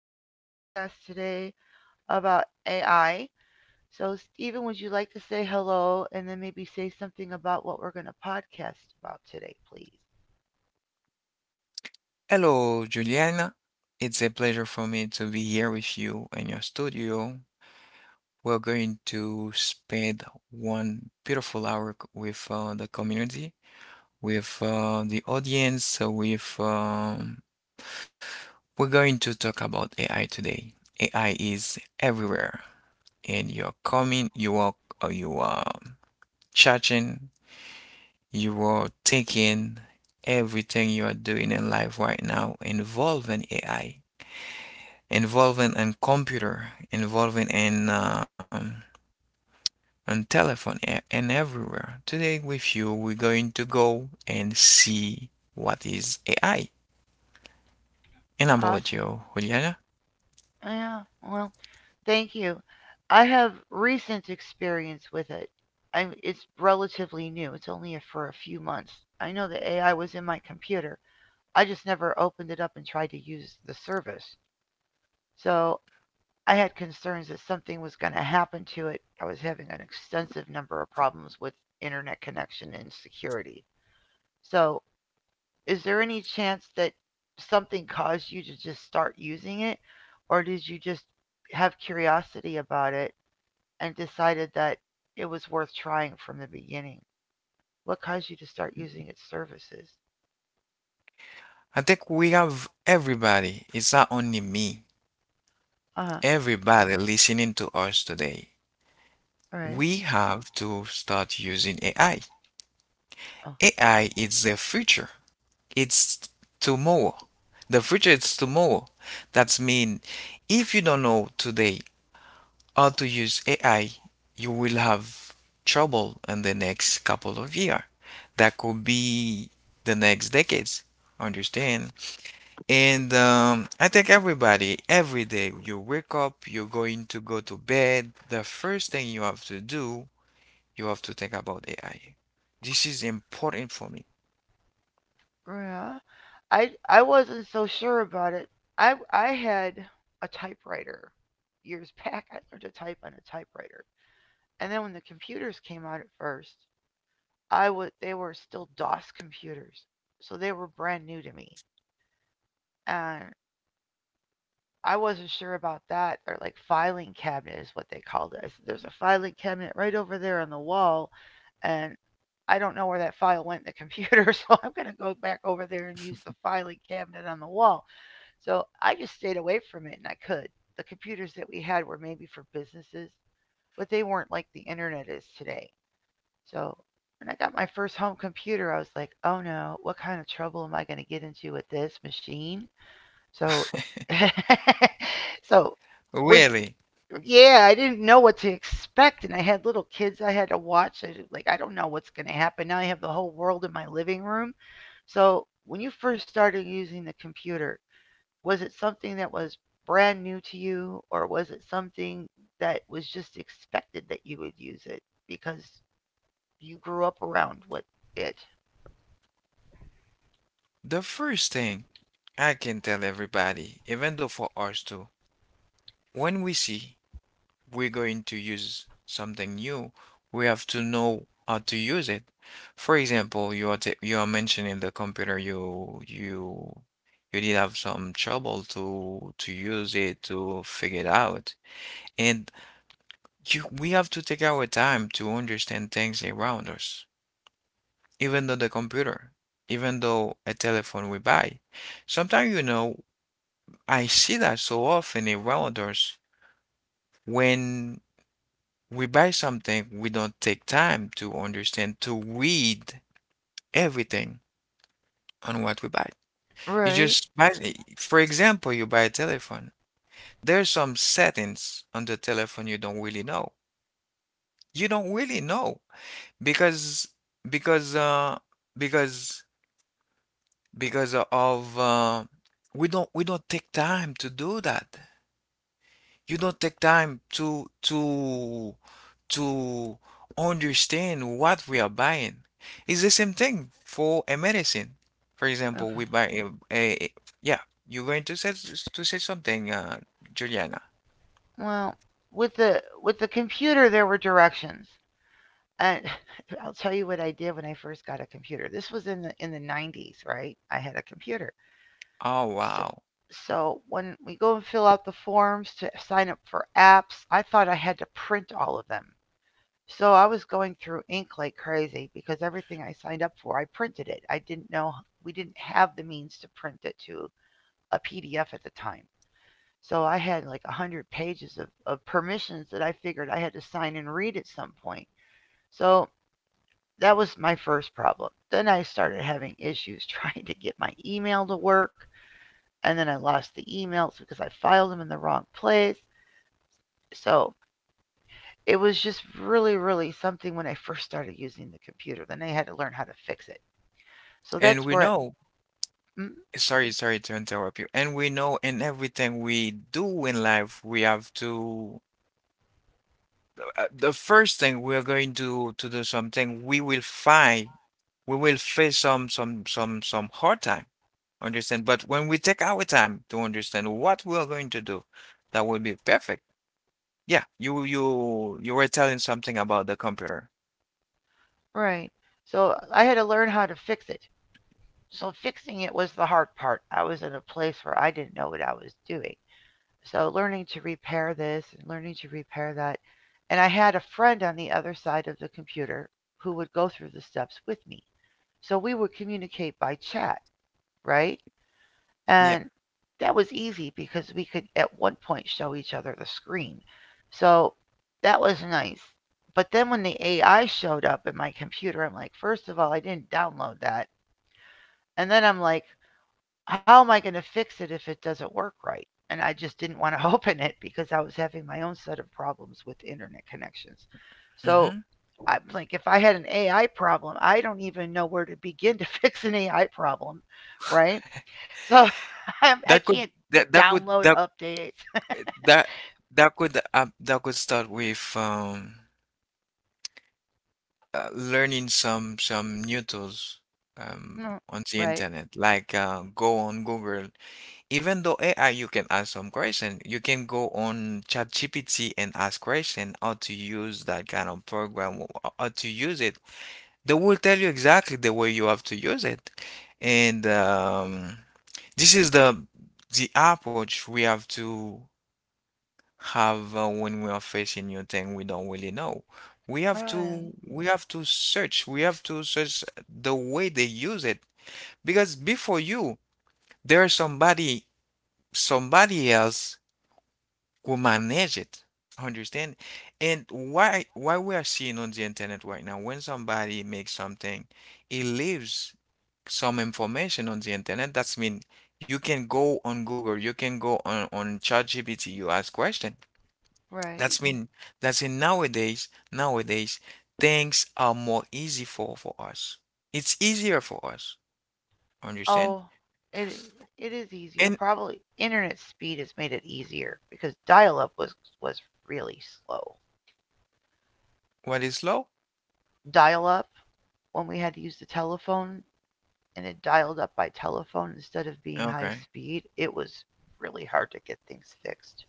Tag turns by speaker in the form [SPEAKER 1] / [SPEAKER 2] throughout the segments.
[SPEAKER 1] start a podcast today about AI. So, Steven, would you like to say hello and then maybe say something about what we're going to podcast about today, please? Awesome. Oh, yeah, well, thank you. I have recent experience with it. It's relatively new. It's only for a few months. I know the AI was in my computer. I just never opened it up and tried to use the service. So I had concerns that something was going to happen to it. I was having an extensive number of problems with internet connection and security. So, is there any chance that something caused you to just start using it? Or did you just have curiosity about it and decided that it was worth trying from the beginning? What caused you to start using its services? Uh huh. All right. Oh, yeah. I wasn't so sure about it. I had a typewriter years back. I learned to type on a typewriter, and then when the computers came out at first, I would they were still DOS computers, so they were brand new to me, and I wasn't sure about that, or like, filing cabinet is what they called it. I said, "There's a filing cabinet right over there on the wall, and I don't know where that file went in the computer," so I'm gonna go back over there and use the filing cabinet on the wall. So I just stayed away from it and I could. The computers that we had were maybe for businesses, but they weren't like the internet is today. So when I got my first home computer, I was like, oh no, what kind of trouble am I going to get into with this machine? So, so when, Yeah, I didn't know what to expect. And I had little kids I had to watch. Like, I don't know what's going to happen. Now I have the whole world in my living room. So when you first started using the computer, was it something that was brand new to you, or was it something that was just expected that you would use it because you grew up around with it? Right. Okay. Well, with the computer there were directions, and I'll tell you what I did when I first got a computer. This was in the 90s, right? I had a computer. So, so when we go and fill out the forms to sign up for apps, I thought I had to print all of them. So I was going through ink like crazy, because everything I signed up for, I printed it. I didn't know we didn't have the means to print it to a PDF at the time. So I had like a 100 pages of permissions that I figured I had to sign and read at some point. So that was my first problem. Then I started having issues trying to get my email to work. And then I lost the emails because I filed them in the wrong place. So it was just really, really something when I first started using the computer. Then I had to learn how to fix it. So that's where it. Mm, right. So I had to learn how to fix it. So fixing it was the hard part. I was in a place where I didn't know what I was doing. So learning to repair this and learning to repair that. And I had a friend on the other side of the computer who would go through the steps with me. So we would communicate by chat, right? And that was easy because we could at one point show each other the screen. So that was nice. But then when the AI showed up in my computer, I'm like, first of all, I didn't download that. And then I'm like, how am I going to fix it if it doesn't work right? And I just didn't want to open it because I was having my own set of problems with internet connections. So I'm like, if I had an AI problem, I don't even know where to begin to fix an AI problem, right? So I can't download updates. No, right, right, right. Oh, it it is easier. Probably internet speed has made it easier because dial-up was really slow. Dial-up, when we had to use the telephone and it dialed up by telephone instead of being high speed, it was really hard to get things fixed.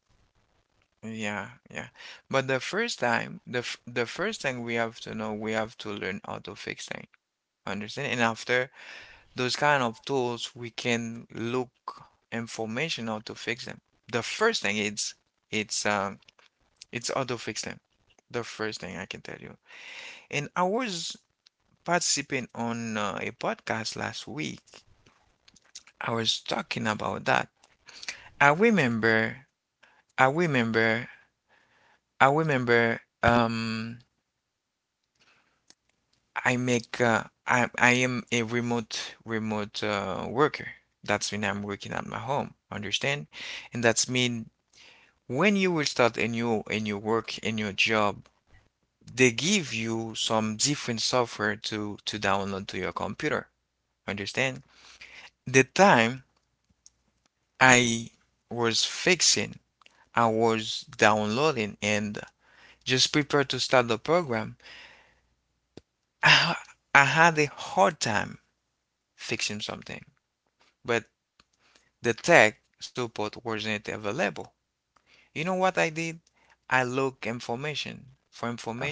[SPEAKER 1] Oh,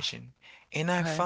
[SPEAKER 1] okay.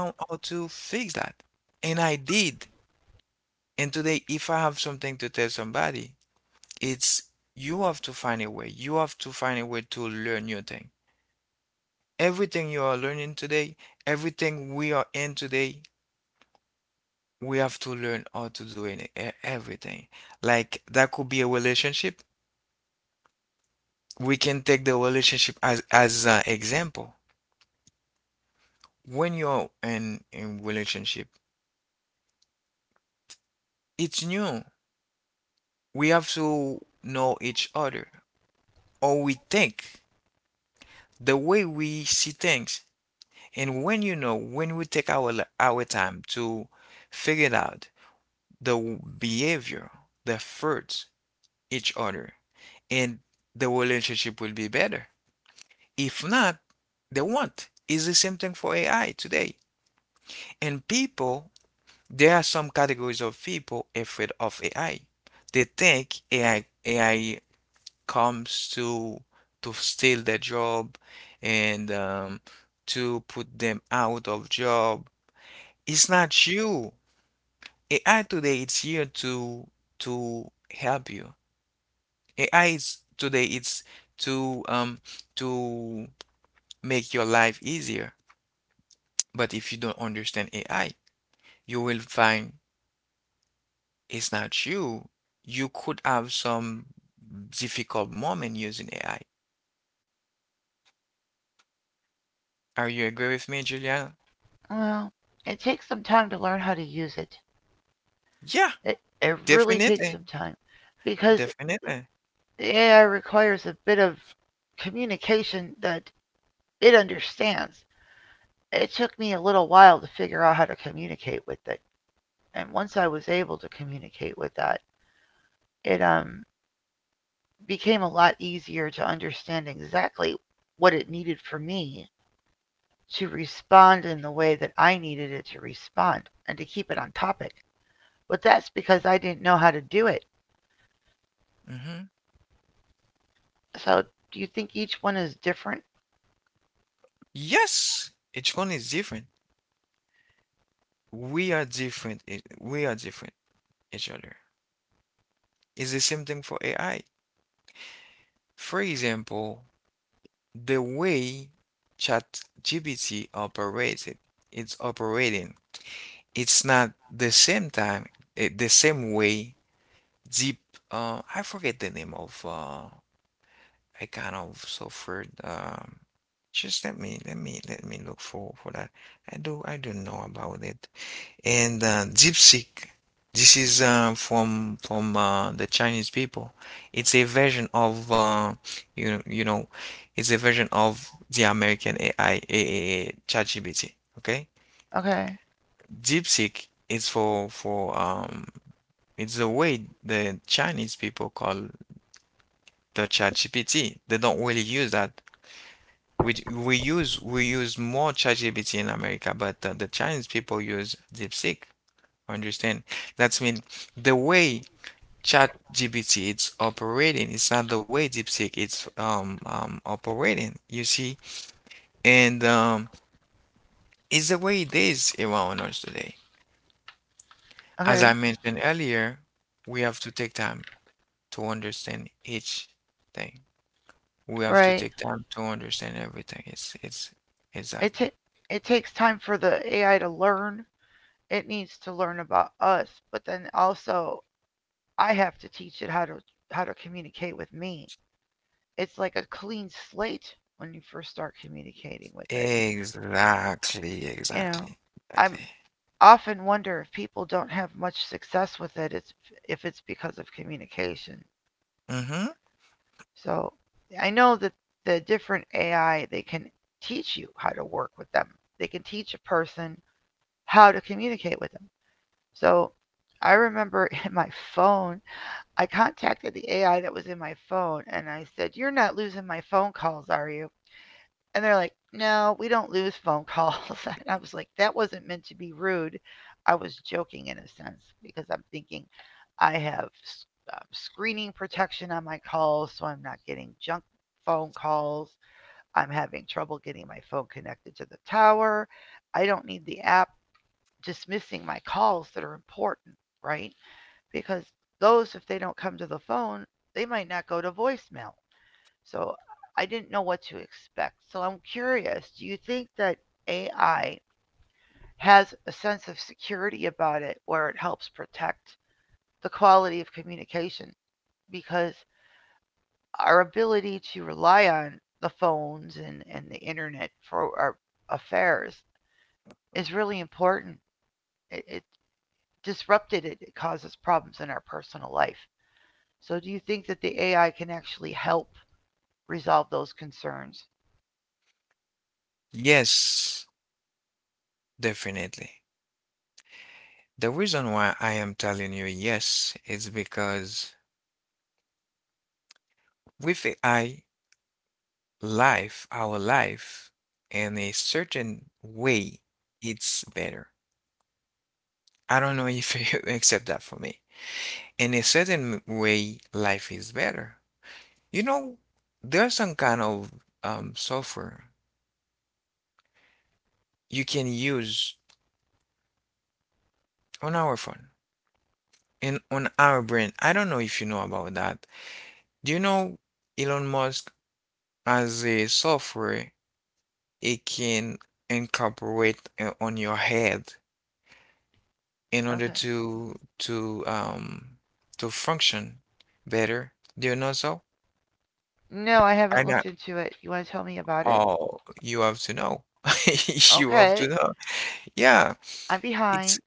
[SPEAKER 1] Well, it takes some time to learn how to use it. It it really takes some time because the AI requires a bit of communication that it understands. It took me a little while to figure out how to communicate with it. And once I was able to communicate with that, it became a lot easier to understand exactly what it needed for me to respond in the way that I needed it to respond and to keep it on topic. But that's because I didn't know how to do it. So do you think each one is different? Okay. Okay. Right. it ta- it takes time for the AI to learn. It needs to learn about us, but then also I have to teach it how to communicate with me. It's like a clean slate when you first start communicating with it. You know, I'm often wonder if people don't have much success with it. It's if it's because of communication. So I know that the different AI, they can teach you how to work with them. They can teach a person how to communicate with them. So I remember in my phone, I contacted the AI that was in my phone and I said, "You're not losing my phone calls, are you?" And they're like, "No, we don't lose phone calls." And I was like, that wasn't meant to be rude. I was joking in a sense because I'm thinking I have screening protection on my calls so I'm not getting junk phone calls. I'm having trouble getting my phone connected to the tower. I don't need the app dismissing my calls that are important, right? Because those, if they don't come to the phone, they might not go to voicemail. So I didn't know what to expect. So I'm curious, do you think that AI has a sense of security about it where it helps protect the quality of communication? Because our ability to rely on the phones and the internet for our affairs is really important. It disrupted it causes problems in our personal life. So, do you think that the AI can actually help resolve those concerns? Okay. No, I haven't looked into it. You want to tell me about it? Okay. I'm behind.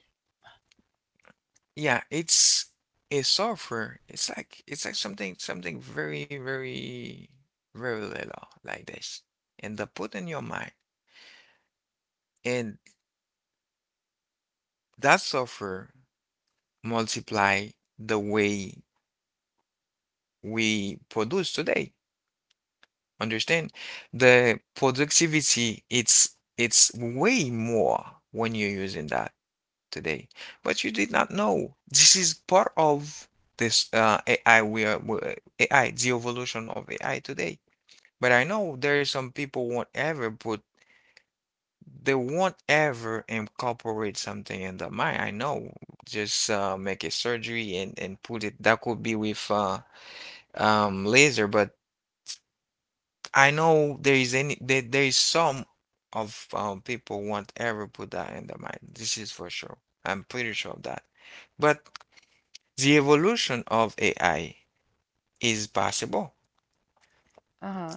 [SPEAKER 1] Uh huh.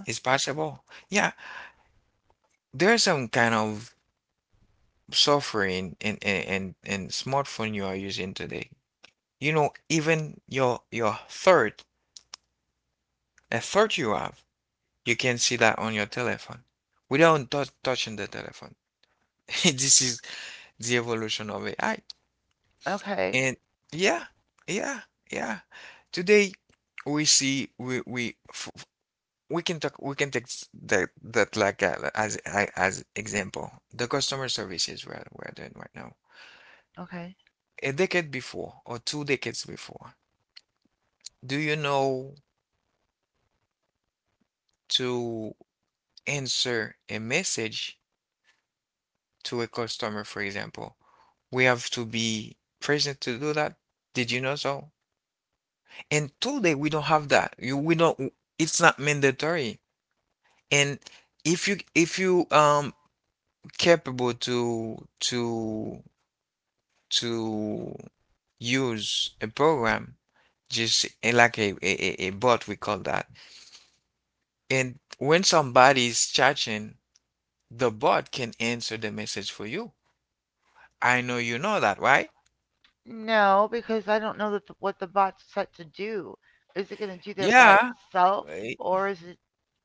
[SPEAKER 1] Okay. Okay. No, because I don't know what the bot's set to do. Is it going to do that by itself, or is it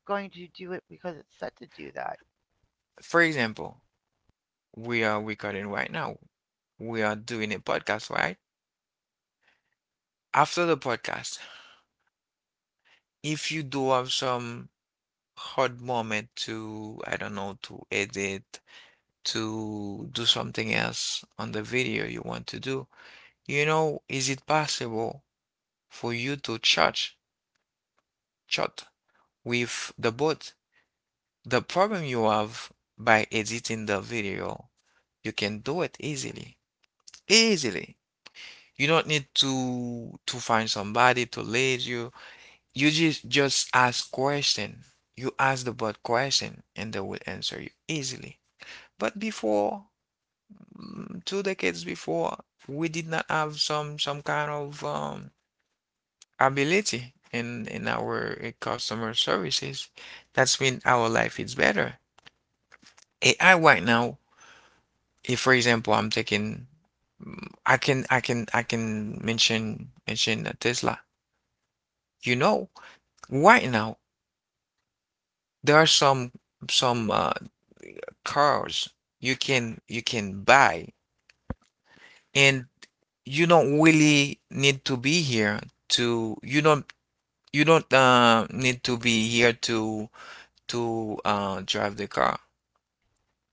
[SPEAKER 1] going to do it because it's set to do that?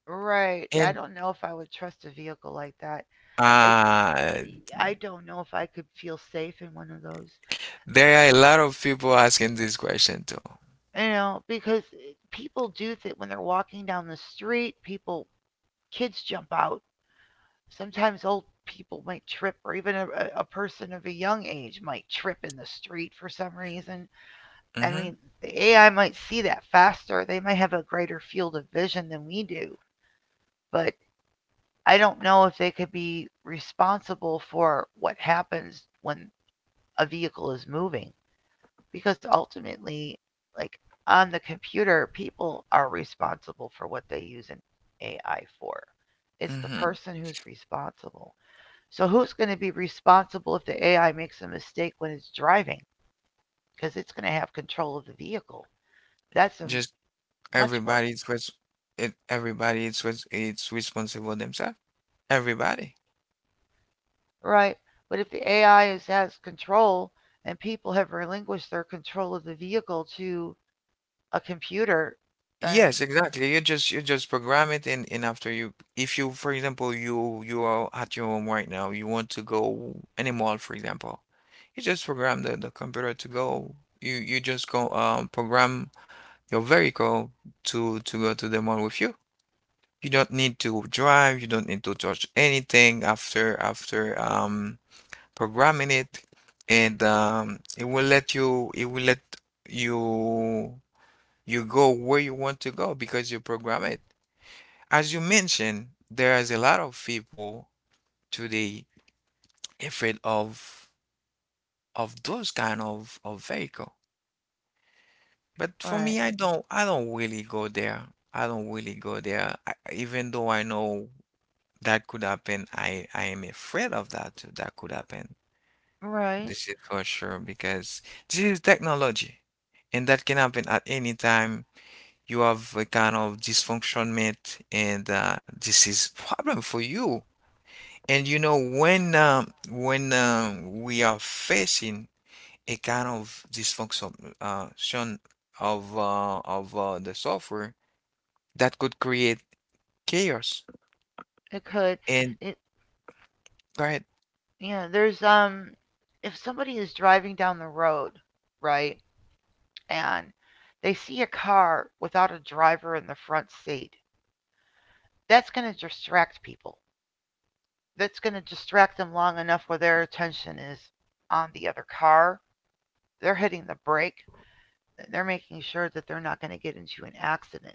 [SPEAKER 1] Right. I don't know if I would trust a vehicle like that. It, I don't know if I could feel safe in one of those. You know, because people do that when they're walking down the street. People Kids jump out. Sometimes old people might trip, or even a person of a young age might trip in the street for some reason. I mean, the AI might see that faster. They might have a greater field of vision than we do. But I don't know if they could be responsible for what happens when a vehicle is moving. Because ultimately, like on the computer, people are responsible for what they use an AI for. It's the person who's responsible. So who's going to be responsible if the AI makes a mistake when it's driving? Because it's going to have control of the vehicle. That's a much more right. But if the AI is, has control and people have relinquished their control of the vehicle to a computer, then right, right, it could. It Yeah. There's if somebody is driving down the road, right, and they see a car without a driver in the front seat, that's going to distract people, that's going to distract them long enough where their attention is on the other car. They're hitting the brake. They're making sure that they're not going to get into an accident.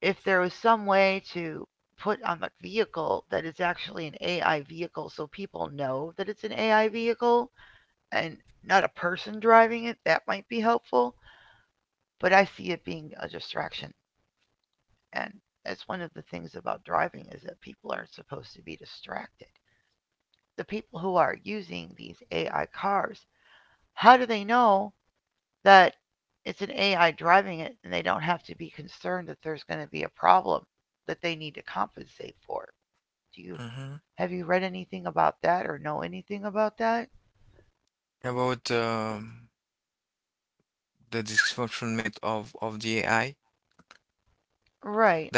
[SPEAKER 1] If there was some way to put on the vehicle that it's actually an AI vehicle so people know that it's an AI vehicle and not a person driving it, that might be helpful. But I see it being a distraction. And that's one of the things about driving is that people aren't supposed to be distracted. The people who are using these AI cars, how do they know that it's an AI driving it and they don't have to be concerned that there's going to be a problem that they need to compensate for? Do you have you read anything about that or know anything about that? Right.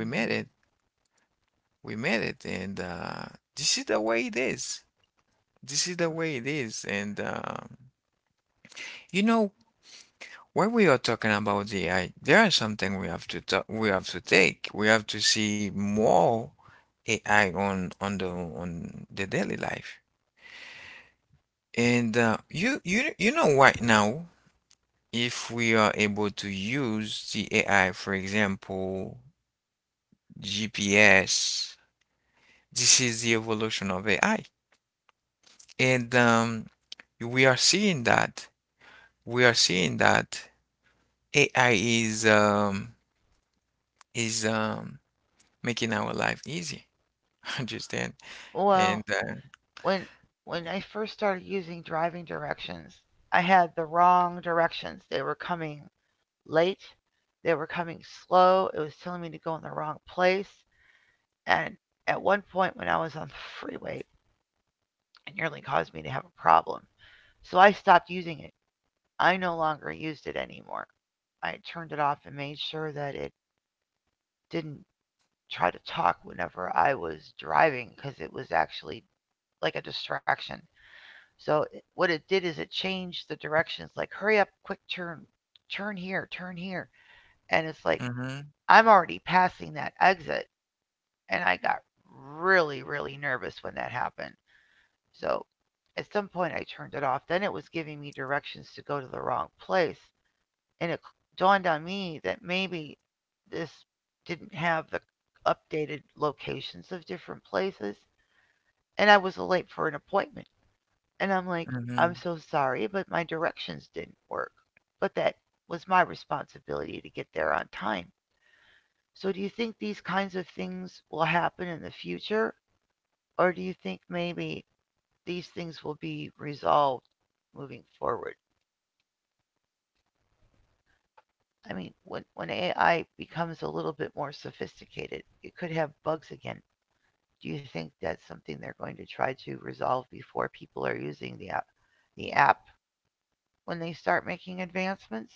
[SPEAKER 1] Mhm. Well, when when I first started using driving directions, I had the wrong directions. They were coming late. They were coming slow. It was telling me to go in the wrong place. And at one point when I was on the freeway, and nearly caused me to have a problem. So I stopped using it. I no longer used it anymore. I turned it off and made sure that it didn't try to talk whenever I was driving because it was actually like a distraction. So what it did is it changed the directions like hurry up, quick turn, turn here, turn here. And it's like I'm already passing that exit and I got really really nervous when that happened. So at some point, I turned it off. Then it was giving me directions to go to the wrong place. And it dawned on me that maybe this didn't have the updated locations of different places. And I was late for an appointment. And I'm like, I'm so sorry, but my directions didn't work. But that was my responsibility to get there on time. So do you think these kinds of things will happen in the future? Or do you think maybe these things will be resolved moving forward? I mean, when AI becomes a little bit more sophisticated, it could have bugs again. Do you think that's something they're going to try to resolve before people are using the app, the app when they start making advancements?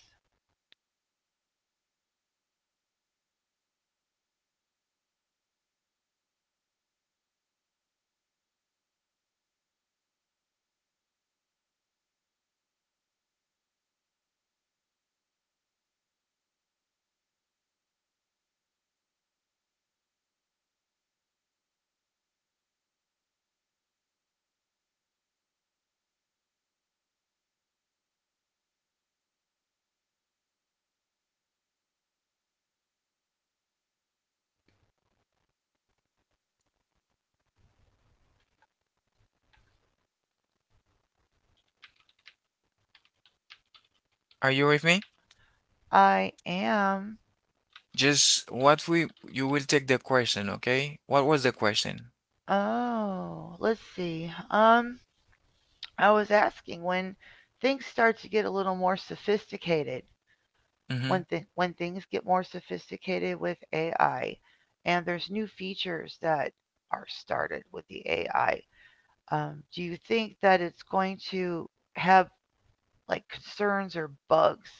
[SPEAKER 2] Are you with me?
[SPEAKER 1] I am.
[SPEAKER 2] Just what we you will take the question, okay? What was the question?
[SPEAKER 1] Oh, let's see. I was asking when things start to get a little more sophisticated,
[SPEAKER 2] Mm-hmm.
[SPEAKER 1] when things get more sophisticated with AI, and there's new features that are started with the AI. Do you think that it's going to have like concerns or bugs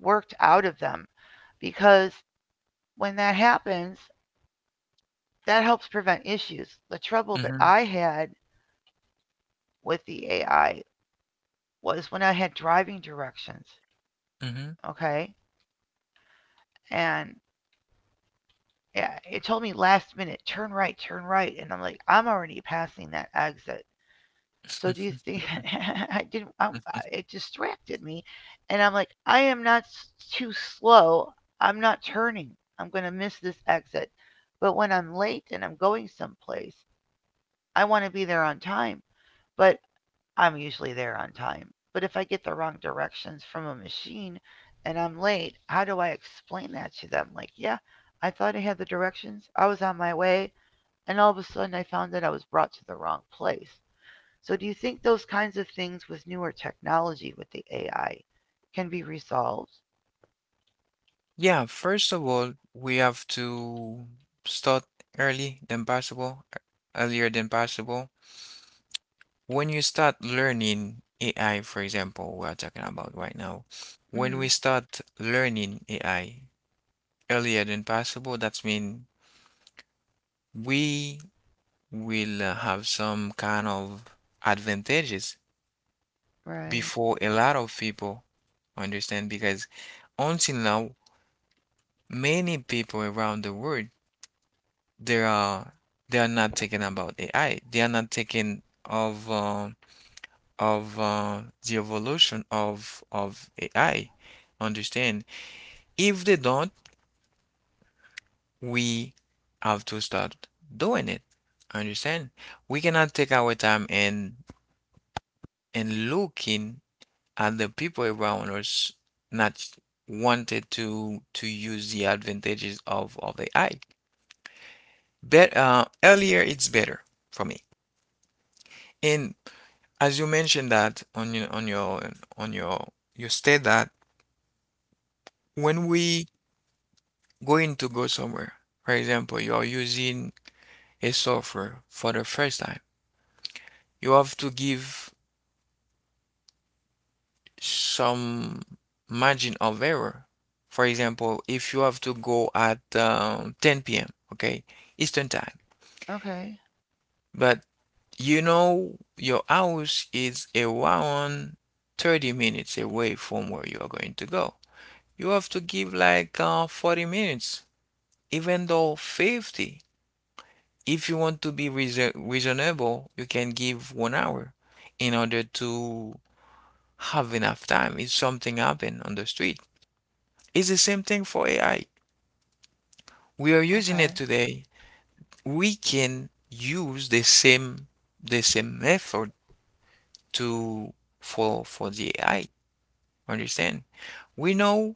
[SPEAKER 1] worked out of them? Because when that happens, that helps prevent issues. The trouble that
[SPEAKER 2] Mm-hmm.
[SPEAKER 1] I had with the AI was when I had driving directions,
[SPEAKER 2] Mm-hmm.
[SPEAKER 1] okay? And, yeah, it told me last minute, turn right, and I'm like, I'm already passing that exit. So do you think I didn't? It distracted me, and I'm like, I am not too slow. I'm not turning. I'm gonna miss this exit. But when I'm late and I'm going someplace, I want to be there on time. But I'm usually there on time. But if I get the wrong directions from a machine and I'm late, how do I explain that to them? Like, yeah, I thought I had the directions. I was on my way and all of a sudden I found that I was brought to the wrong place. So do you think those kinds of things with newer technology with the AI can be resolved?
[SPEAKER 2] Yeah, first of all, we have to start early than possible, earlier than possible. When you start learning AI, for example, we are talking about right now. When
[SPEAKER 1] Mm.
[SPEAKER 2] we start learning AI earlier than possible, that means we will have some kind of advantages
[SPEAKER 1] Right.
[SPEAKER 2] before a lot of people understand, because until now many people around the world, they are they are not thinking about AI, they are not thinking of uh, of the evolution of AI. Understand? If they don't, we have to start doing it. Understand? We cannot take our time and looking, and the people around us not wanted to use the advantages of AI. But earlier it's better for me. And as you mentioned that on your on your you state that when we going to go somewhere, for example, you are using a software for the first time, you have to give some margin of error. For example, if you have to go at 10 p.m., okay, Eastern time.
[SPEAKER 1] Okay.
[SPEAKER 2] But you know, your house is around 30 minutes away from where you are going to go. You have to give like 40 minutes, even though 50. If you want to be reasonable, you can give 1 hour in order to have enough time if something happen on the street. It's the same thing for AI. We are using it
[SPEAKER 1] Okay.
[SPEAKER 2] today. We can use the same method to for the AI. Understand? We know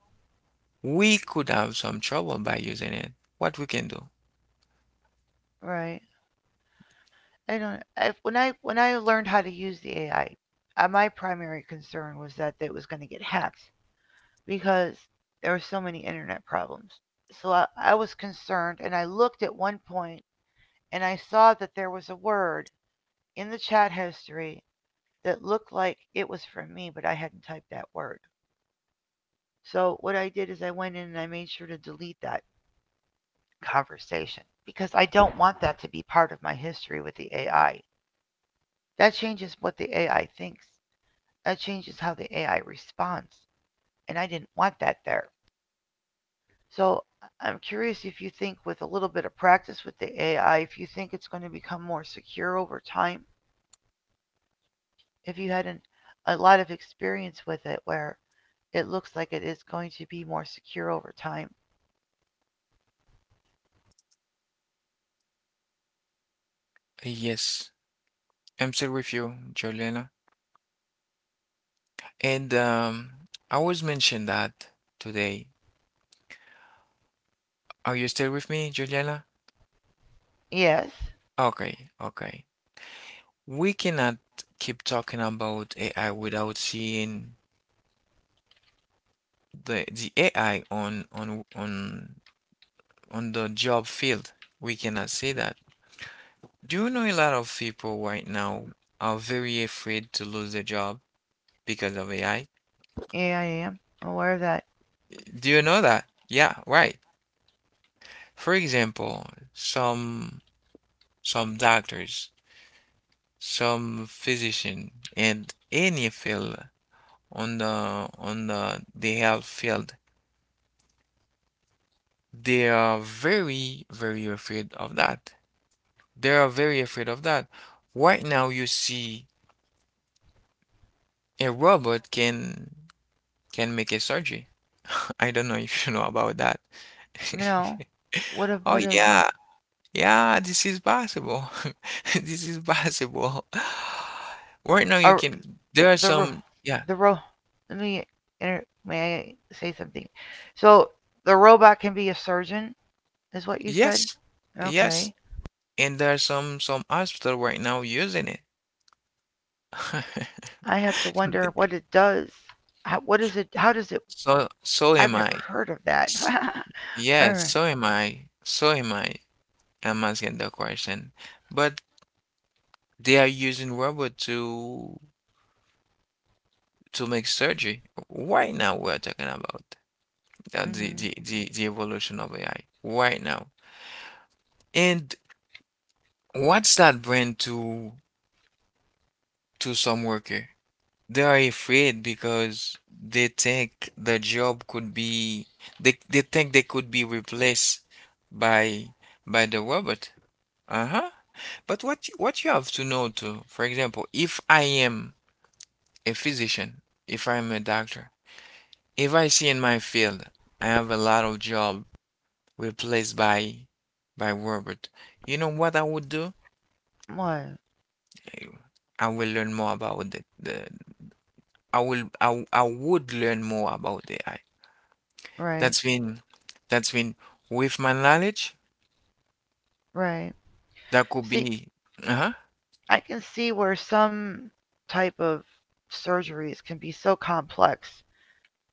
[SPEAKER 2] we could have some trouble by using it. What we can do?
[SPEAKER 1] Right. I don't I, when I when I learned how to use the AI, my primary concern was that it was going to get hacked because there were so many internet problems. So I was concerned and I looked at one point and I saw that there was a word in the chat history that looked like it was from me, but I hadn't typed that word. So what I did is I went in and I made sure to delete that conversation because I don't want that to be part of my history with the AI. That changes what the AI thinks. That changes how the AI responds. And I didn't want that there. So I'm curious if you think with a little bit of practice with the AI, if you think it's going to become more secure over time, if you had a lot of experience with it where it looks like it is going to be more secure over time.
[SPEAKER 2] Yes, I'm still with you, Juliana. And I was mentioned that today. Are you still with me, Juliana?
[SPEAKER 1] Yes.
[SPEAKER 2] Okay, okay. We cannot keep talking about AI without seeing the AI on the job field. We cannot see that. Do you know a lot of people right now are very afraid to lose their job because of AI?
[SPEAKER 1] Yeah, I am aware of that.
[SPEAKER 2] Do you know that? Yeah, right. For example, some some doctors, some physician, and any field the health field, they are very, very afraid of that. They are very afraid of that. Right now, you see a robot can make a surgery. I don't know if you know about that.
[SPEAKER 1] No. What if
[SPEAKER 2] Oh,
[SPEAKER 1] what is
[SPEAKER 2] yeah. Yeah, this is possible. This is possible. Right now you
[SPEAKER 1] are
[SPEAKER 2] can there are
[SPEAKER 1] the ro-
[SPEAKER 2] some, yeah.
[SPEAKER 1] the ro let me inter- may I say something? So the robot can be a surgeon, is what you said?
[SPEAKER 2] Yes. Yes.
[SPEAKER 1] Okay.
[SPEAKER 2] And there are some hospital right now using it.
[SPEAKER 1] I have to wonder what it does. How, what is it? How does it?
[SPEAKER 2] So am
[SPEAKER 1] I've never
[SPEAKER 2] I.
[SPEAKER 1] heard of that.
[SPEAKER 2] S- Yes,
[SPEAKER 1] Er,
[SPEAKER 2] so am I. So am I. I'm asking the question. But they are using robot to make surgery. Right now we're talking about
[SPEAKER 1] mhm.
[SPEAKER 2] the evolution of AI. Right now. And what's that brand to some worker? They are afraid because they think the job could be they think they could be replaced by by the robot. Uh-huh. But what you have to know too, for example, if I am a physician, if I'm a doctor, if I see in my field I have a lot of job replaced by robot, you know what I would do?
[SPEAKER 1] What?
[SPEAKER 2] I I will learn more about the, the I will I, w- I would learn more about the AI.
[SPEAKER 1] Right.
[SPEAKER 2] That's been that's been with my knowledge
[SPEAKER 1] Right.
[SPEAKER 2] that could
[SPEAKER 1] See,
[SPEAKER 2] be. Uh-huh.
[SPEAKER 1] I can see where some type of surgeries can be so complex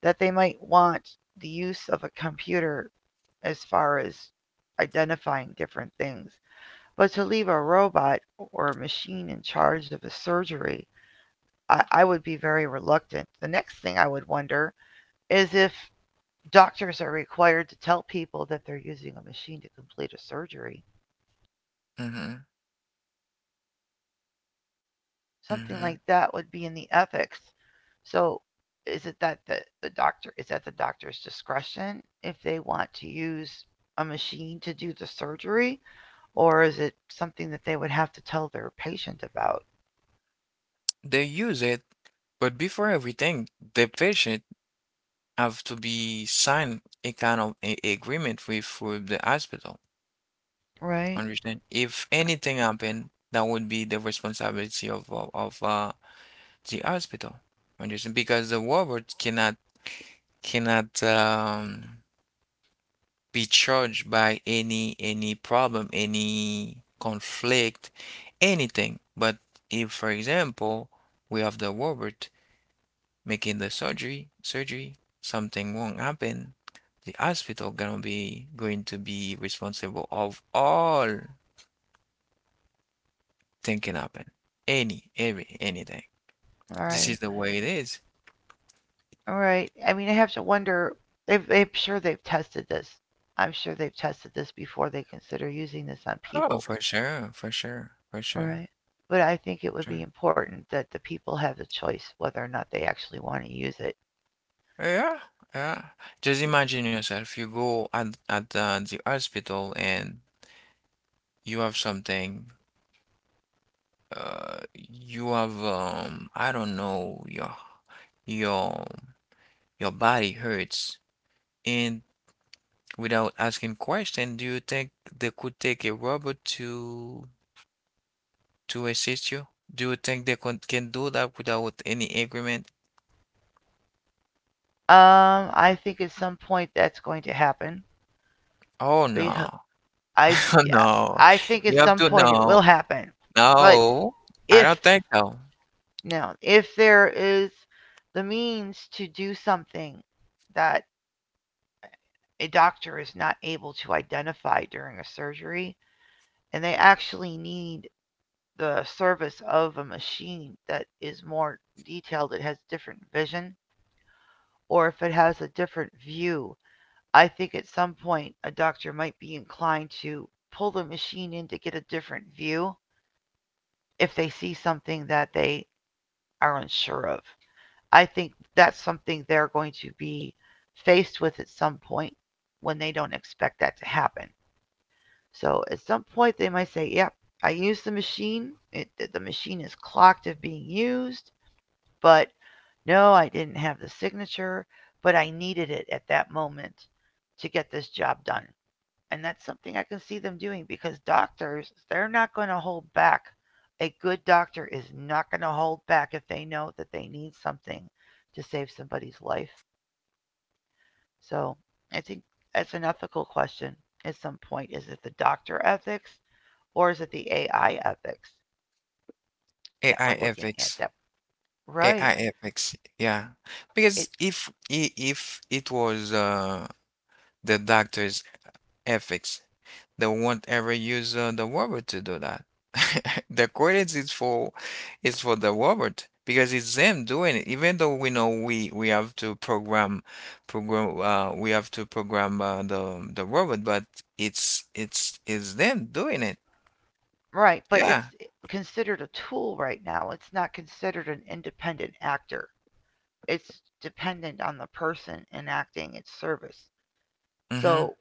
[SPEAKER 1] that they might want the use of a computer as far as identifying different things. But to leave a robot or a machine in charge of a surgery, I would be very reluctant. The next thing I would wonder is if doctors are required to tell people that they're using a machine to complete a surgery.
[SPEAKER 2] Mm-hmm.
[SPEAKER 1] Something
[SPEAKER 2] Mm-hmm.
[SPEAKER 1] like that would be in the ethics. So is it that the doctor is at the doctor's discretion if they want to use a machine to do the surgery, or is it something that they would have to tell their patient about?
[SPEAKER 2] They use it, but before everything, the patient have to be sign a kind of a agreement with the hospital.
[SPEAKER 1] Right.
[SPEAKER 2] Understand? If anything happen, that would be the responsibility of the hospital. Understand? Because the robot cannot cannot um, be charged by any problem, any conflict, anything. But if, for example, we have the robot making the surgery, something won't happen, the hospital gonna be going to be responsible of all thing can happen, any, every, anything.
[SPEAKER 1] All
[SPEAKER 2] This
[SPEAKER 1] right.
[SPEAKER 2] is the way it is.
[SPEAKER 1] All right. I mean, I have to wonder. I'm sure they've tested this. I'm sure they've tested this before they consider using this on
[SPEAKER 2] Oh,
[SPEAKER 1] people.
[SPEAKER 2] for sure, for sure, for
[SPEAKER 1] All right.
[SPEAKER 2] sure,
[SPEAKER 1] But I think it
[SPEAKER 2] for
[SPEAKER 1] would be
[SPEAKER 2] sure.
[SPEAKER 1] important that the people have the choice whether or not they actually want to use it.
[SPEAKER 2] Yeah, yeah. Just imagine yourself. You go at the hospital and you have something. You have I don't know, your your body hurts, and without asking question, do you think they could take a robot to assist you? Do you think they can do that without any agreement?
[SPEAKER 1] I think at some point that's going to happen,
[SPEAKER 2] Oh, no.
[SPEAKER 1] because I yeah,
[SPEAKER 2] No.
[SPEAKER 1] I think at
[SPEAKER 2] You have
[SPEAKER 1] some
[SPEAKER 2] to
[SPEAKER 1] point it
[SPEAKER 2] No,
[SPEAKER 1] will happen. But
[SPEAKER 2] no. I
[SPEAKER 1] if
[SPEAKER 2] don't think so.
[SPEAKER 1] Now, if there is the means to do something that a doctor is not able to identify during a surgery, and they actually need the service of a machine that is more detailed, it has different vision, or if it has a different view, I think at some point a doctor might be inclined to pull the machine in to get a different view if they see something that they are unsure of. I think that's something they're going to be faced with at some point when they don't expect that to happen. So at some point they might say, "Yep, I used the machine. It, the machine is clocked as being used, but no, I didn't have the signature, but I needed it at that moment to get this job done." And that's something I can see them doing because doctors, they're not going to hold back. A good doctor is not going to hold back if they know that they need something to save somebody's life. So I think that's an ethical question at some point. Is it the doctor ethics or is it the AI ethics that we're
[SPEAKER 2] AI
[SPEAKER 1] looking at? That
[SPEAKER 2] ethics.
[SPEAKER 1] right,
[SPEAKER 2] AI ethics. Yeah.
[SPEAKER 1] it
[SPEAKER 2] Because if it was the doctor's ethics, they won't ever use the robot to do that. The credits is for the robot because it's them doing it. Even though we know we have to program the robot, but it's them doing it.
[SPEAKER 1] right, but it's
[SPEAKER 2] Yeah.
[SPEAKER 1] considered a tool right now. It's not considered an independent actor. It's dependent on the person enacting its service.
[SPEAKER 2] Mm-hmm.
[SPEAKER 1] So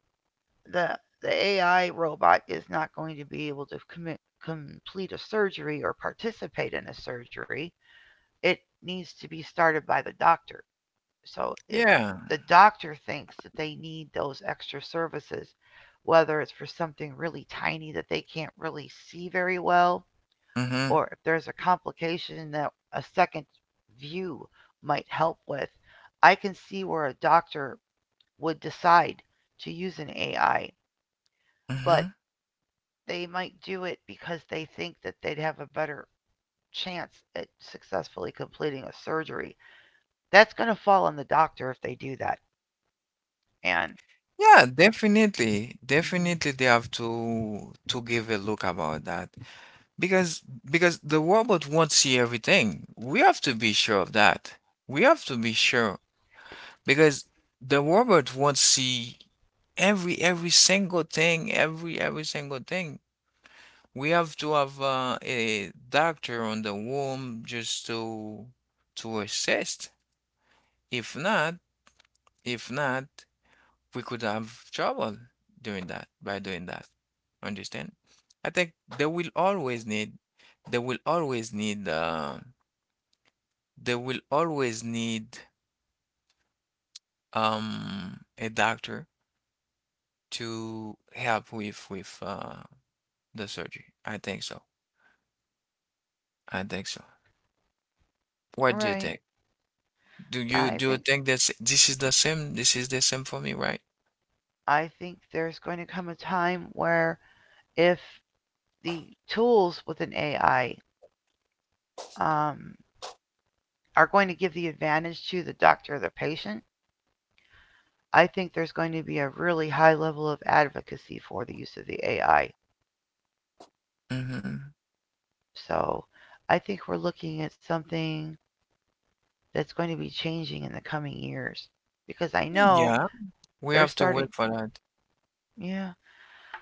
[SPEAKER 1] the AI robot is not going to be able to complete a surgery or participate in a surgery. It needs to be started by the doctor. So if
[SPEAKER 2] Yeah.
[SPEAKER 1] the doctor thinks that they need those extra services, whether it's for something really tiny that they can't really see very well,
[SPEAKER 2] Mm-hmm.
[SPEAKER 1] or if there's a complication that a second view might help with, I can see where a doctor would decide to use an AI. But
[SPEAKER 2] Mm-hmm.
[SPEAKER 1] they might do it because they think that they'd have a better chance at successfully completing a surgery. That's going to fall on the doctor if they do that. And
[SPEAKER 2] Yeah, definitely. Definitely
[SPEAKER 1] mhm.
[SPEAKER 2] they have to give a look about that, because the robot won't see everything. We have to be sure of that. We have to be sure because the robot won't see every single thing, every single thing. We have to have a doctor on the womb just to assist. If not, if not. we could have trouble doing that by doing that. Understand? I think they will always need, they will always need, they will always need a doctor to help with the surgery. I think so. I think so. What do you
[SPEAKER 1] Right.
[SPEAKER 2] think? Do you
[SPEAKER 1] I
[SPEAKER 2] do
[SPEAKER 1] think
[SPEAKER 2] you think that this is the same? This is the same for me, right?
[SPEAKER 1] I think there's going to come a time where if the tools with an AI, um, are going to give the advantage to the doctor or the patient, I think there's going to be a really high level of advocacy for the use of the AI.
[SPEAKER 2] Mm-hmm.
[SPEAKER 1] So I think we're looking at something that's going to be changing in the coming years because I know
[SPEAKER 2] Yeah, we
[SPEAKER 1] they're
[SPEAKER 2] have to
[SPEAKER 1] starting.
[SPEAKER 2] wait for that.
[SPEAKER 1] Yeah,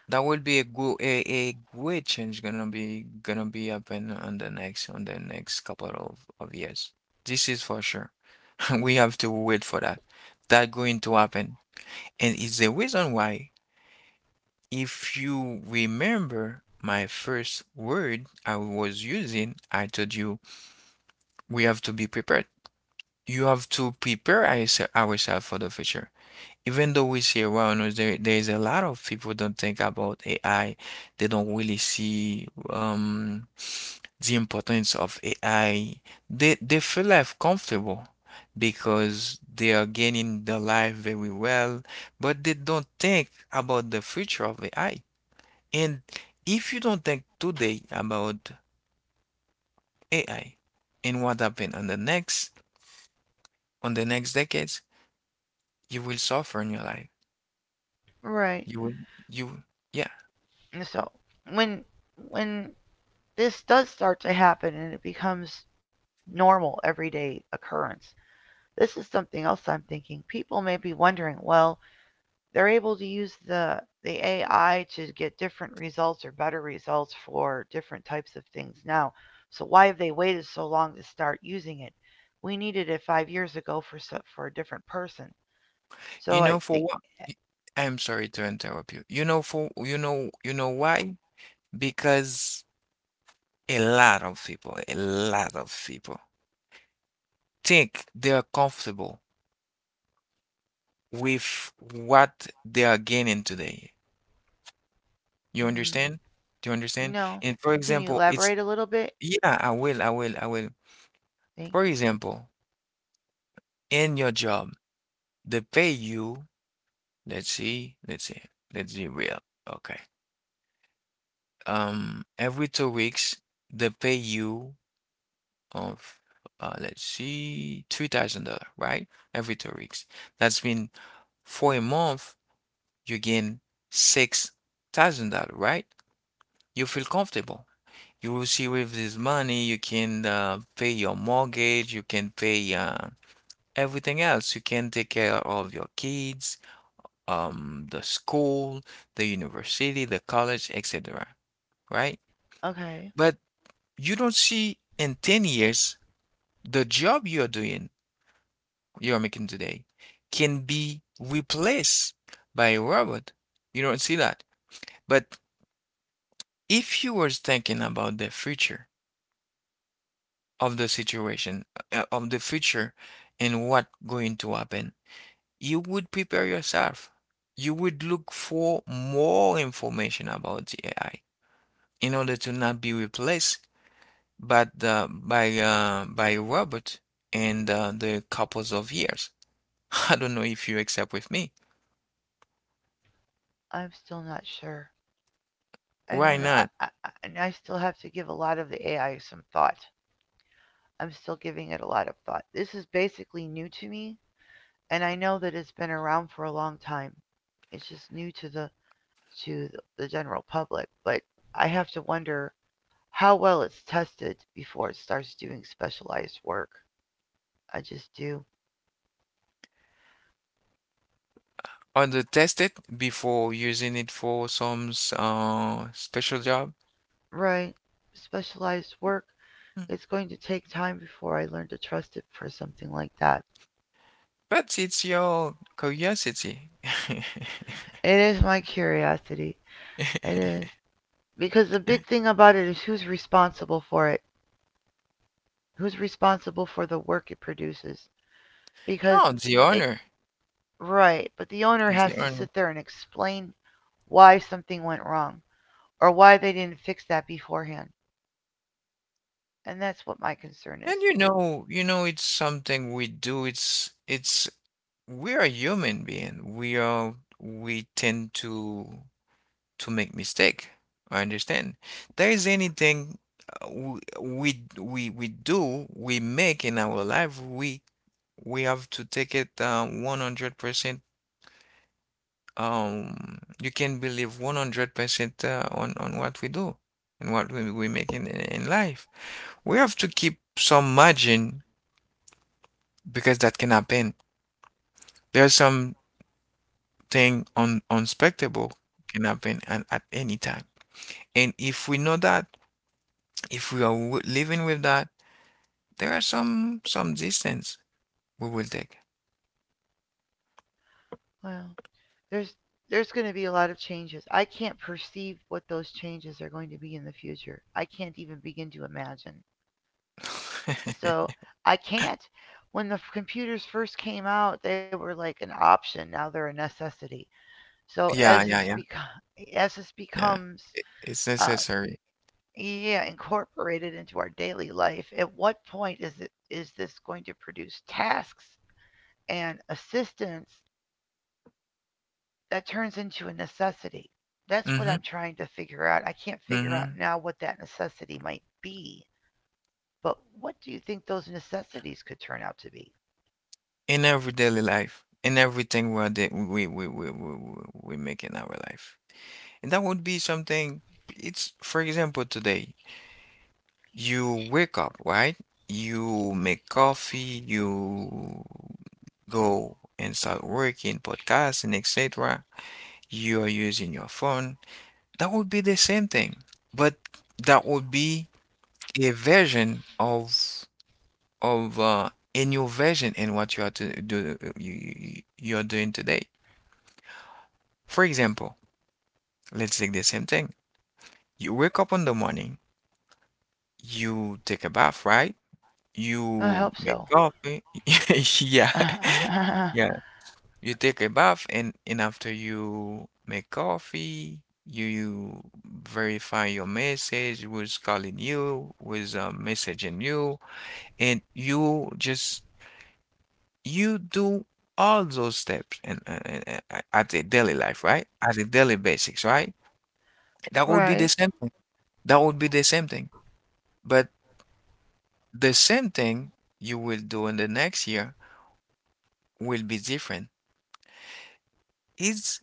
[SPEAKER 2] That will be a great change gonna be happen on the next couple of years. This is for sure. We have to wait for that. That going to happen. And it's the reason why, if you remember my first word I was using, I told you we have to be prepared. You have to prepare ourselves for the future. Even though we see around us, there is a lot of people don't think about AI. They don't really see the importance of AI. They feel life comfortable because they are gaining their life very well, but they don't think about the future of AI. And if you don't think today about AI and what happened on the next decades, you will suffer in your life.
[SPEAKER 1] right.
[SPEAKER 2] You will you Yeah.
[SPEAKER 1] And so when when this does start to happen and it becomes normal everyday occurrence, this is something else I'm thinking. People may be wondering, well, they're able to use the AI to get different results or better results for different types of things now. So why have they waited so long to start using it? We needed it 5 years ago for so- for a different person. So
[SPEAKER 2] You
[SPEAKER 1] I
[SPEAKER 2] know for
[SPEAKER 1] think,
[SPEAKER 2] what? y- I'm sorry to interrupt you. You know for you know why? Because a lot of people think they are comfortable with what they are gaining today. You
[SPEAKER 1] hmm,
[SPEAKER 2] understand? Do you understand?
[SPEAKER 1] no.
[SPEAKER 2] And for
[SPEAKER 1] Can you
[SPEAKER 2] example, it's
[SPEAKER 1] elaborate a little bit?
[SPEAKER 2] yeah, I will.
[SPEAKER 1] Thank
[SPEAKER 2] For
[SPEAKER 1] you.
[SPEAKER 2] example, in your job, they pay you, let's see, let's be real. Okay. Every 2 weeks they pay you of let's see, $3,000, right? Every 2 weeks. That's been for a month you gain $6,000, right? You feel comfortable. You will see with this money you can pay your mortgage, you can pay everything else. You can take care of your kids, the school, the university, the college, etc. Right?
[SPEAKER 1] Okay,
[SPEAKER 2] But you don't see in 10 years the job you are making today can be replaced by a robot. You don't see that. But if you were thinking about the future of the situation, of the future and what going to happen, you would prepare yourself. You would look for more information about the AI in order to not be replaced but by a robot in the couples of years. I don't know if you accept with me.
[SPEAKER 1] I'm still not sure. I
[SPEAKER 2] Why
[SPEAKER 1] don't know. I,
[SPEAKER 2] not?
[SPEAKER 1] I, I- and I still have to give a lot of the AI some thought. I'm still giving it a lot of thought. This is basically new to me, and I know that it's been around for a long time. It's just new to to the general public, but I have to wonder how well it's tested before it starts doing specialized work. I just do.
[SPEAKER 2] Under test it before using it for some special job.
[SPEAKER 1] Right. Specialized work.
[SPEAKER 2] Mm.
[SPEAKER 1] It's going to take time before I learn to trust it for something like that.
[SPEAKER 2] But it's your curiosity.
[SPEAKER 1] It is my curiosity. It is. Because the big thing about it is who's responsible for it, who's responsible for the work it produces. Because
[SPEAKER 2] Oh, the
[SPEAKER 1] it,
[SPEAKER 2] honor,
[SPEAKER 1] right, but the owner has
[SPEAKER 2] the
[SPEAKER 1] to
[SPEAKER 2] honor.
[SPEAKER 1] sit there and explain why something went wrong or why they didn't fix that beforehand. And that's what my concern is.
[SPEAKER 2] And
[SPEAKER 1] It,
[SPEAKER 2] it's something we do. It's we are human being. We tend to make mistake. I understand. There is anything we make in our life. We have to take it 100%. You can believe 100% on what we do and what we make in life. We have to keep some margin because that can happen. There's something un unexpectable can happen at any time. And if we know that, if we are w living with that, there are some distance we will take.
[SPEAKER 1] well, there's going to be a lot of changes. I can't perceive what those changes are going to be in the future. I can't even begin to imagine. So I can't. When the computers first came out, they were like an option. Now they're a necessity. So
[SPEAKER 2] Yeah,
[SPEAKER 1] as
[SPEAKER 2] yeah, yeah,
[SPEAKER 1] this
[SPEAKER 2] yeah.
[SPEAKER 1] becomes
[SPEAKER 2] It's
[SPEAKER 1] uh,
[SPEAKER 2] necessary.
[SPEAKER 1] yeah, incorporated into our daily life, at what point is it is this going to produce tasks and assistance that turns into a necessity. That's what
[SPEAKER 2] Mm-hmm.
[SPEAKER 1] I'm trying to figure out. I can't figure out
[SPEAKER 2] Mm-hmm.
[SPEAKER 1] now what that necessity might be, but what do you think those necessities could turn out to be?
[SPEAKER 2] In every daily life, in everything we're de- we make in our life. And that would be something, for example, today, you wake up, right? You make coffee, you go and start working, podcasting, etc. You are using your phone. That would be the same thing, but that would be a version of a new version in what you are to do you're doing today. For example, let's take the same thing. You wake up in the morning, you take a bath, right?
[SPEAKER 1] I hope
[SPEAKER 2] You
[SPEAKER 1] so.
[SPEAKER 2] make coffee. Yeah, yeah. You take a bath and after you make coffee, you verify your message, who's calling you, who's messaging you, and you just you do all those steps and at a daily life, right? At a daily basics, right? That would be the
[SPEAKER 1] right.
[SPEAKER 2] same thing. That would be the same thing. But the same thing you will do in the next year will be different. It's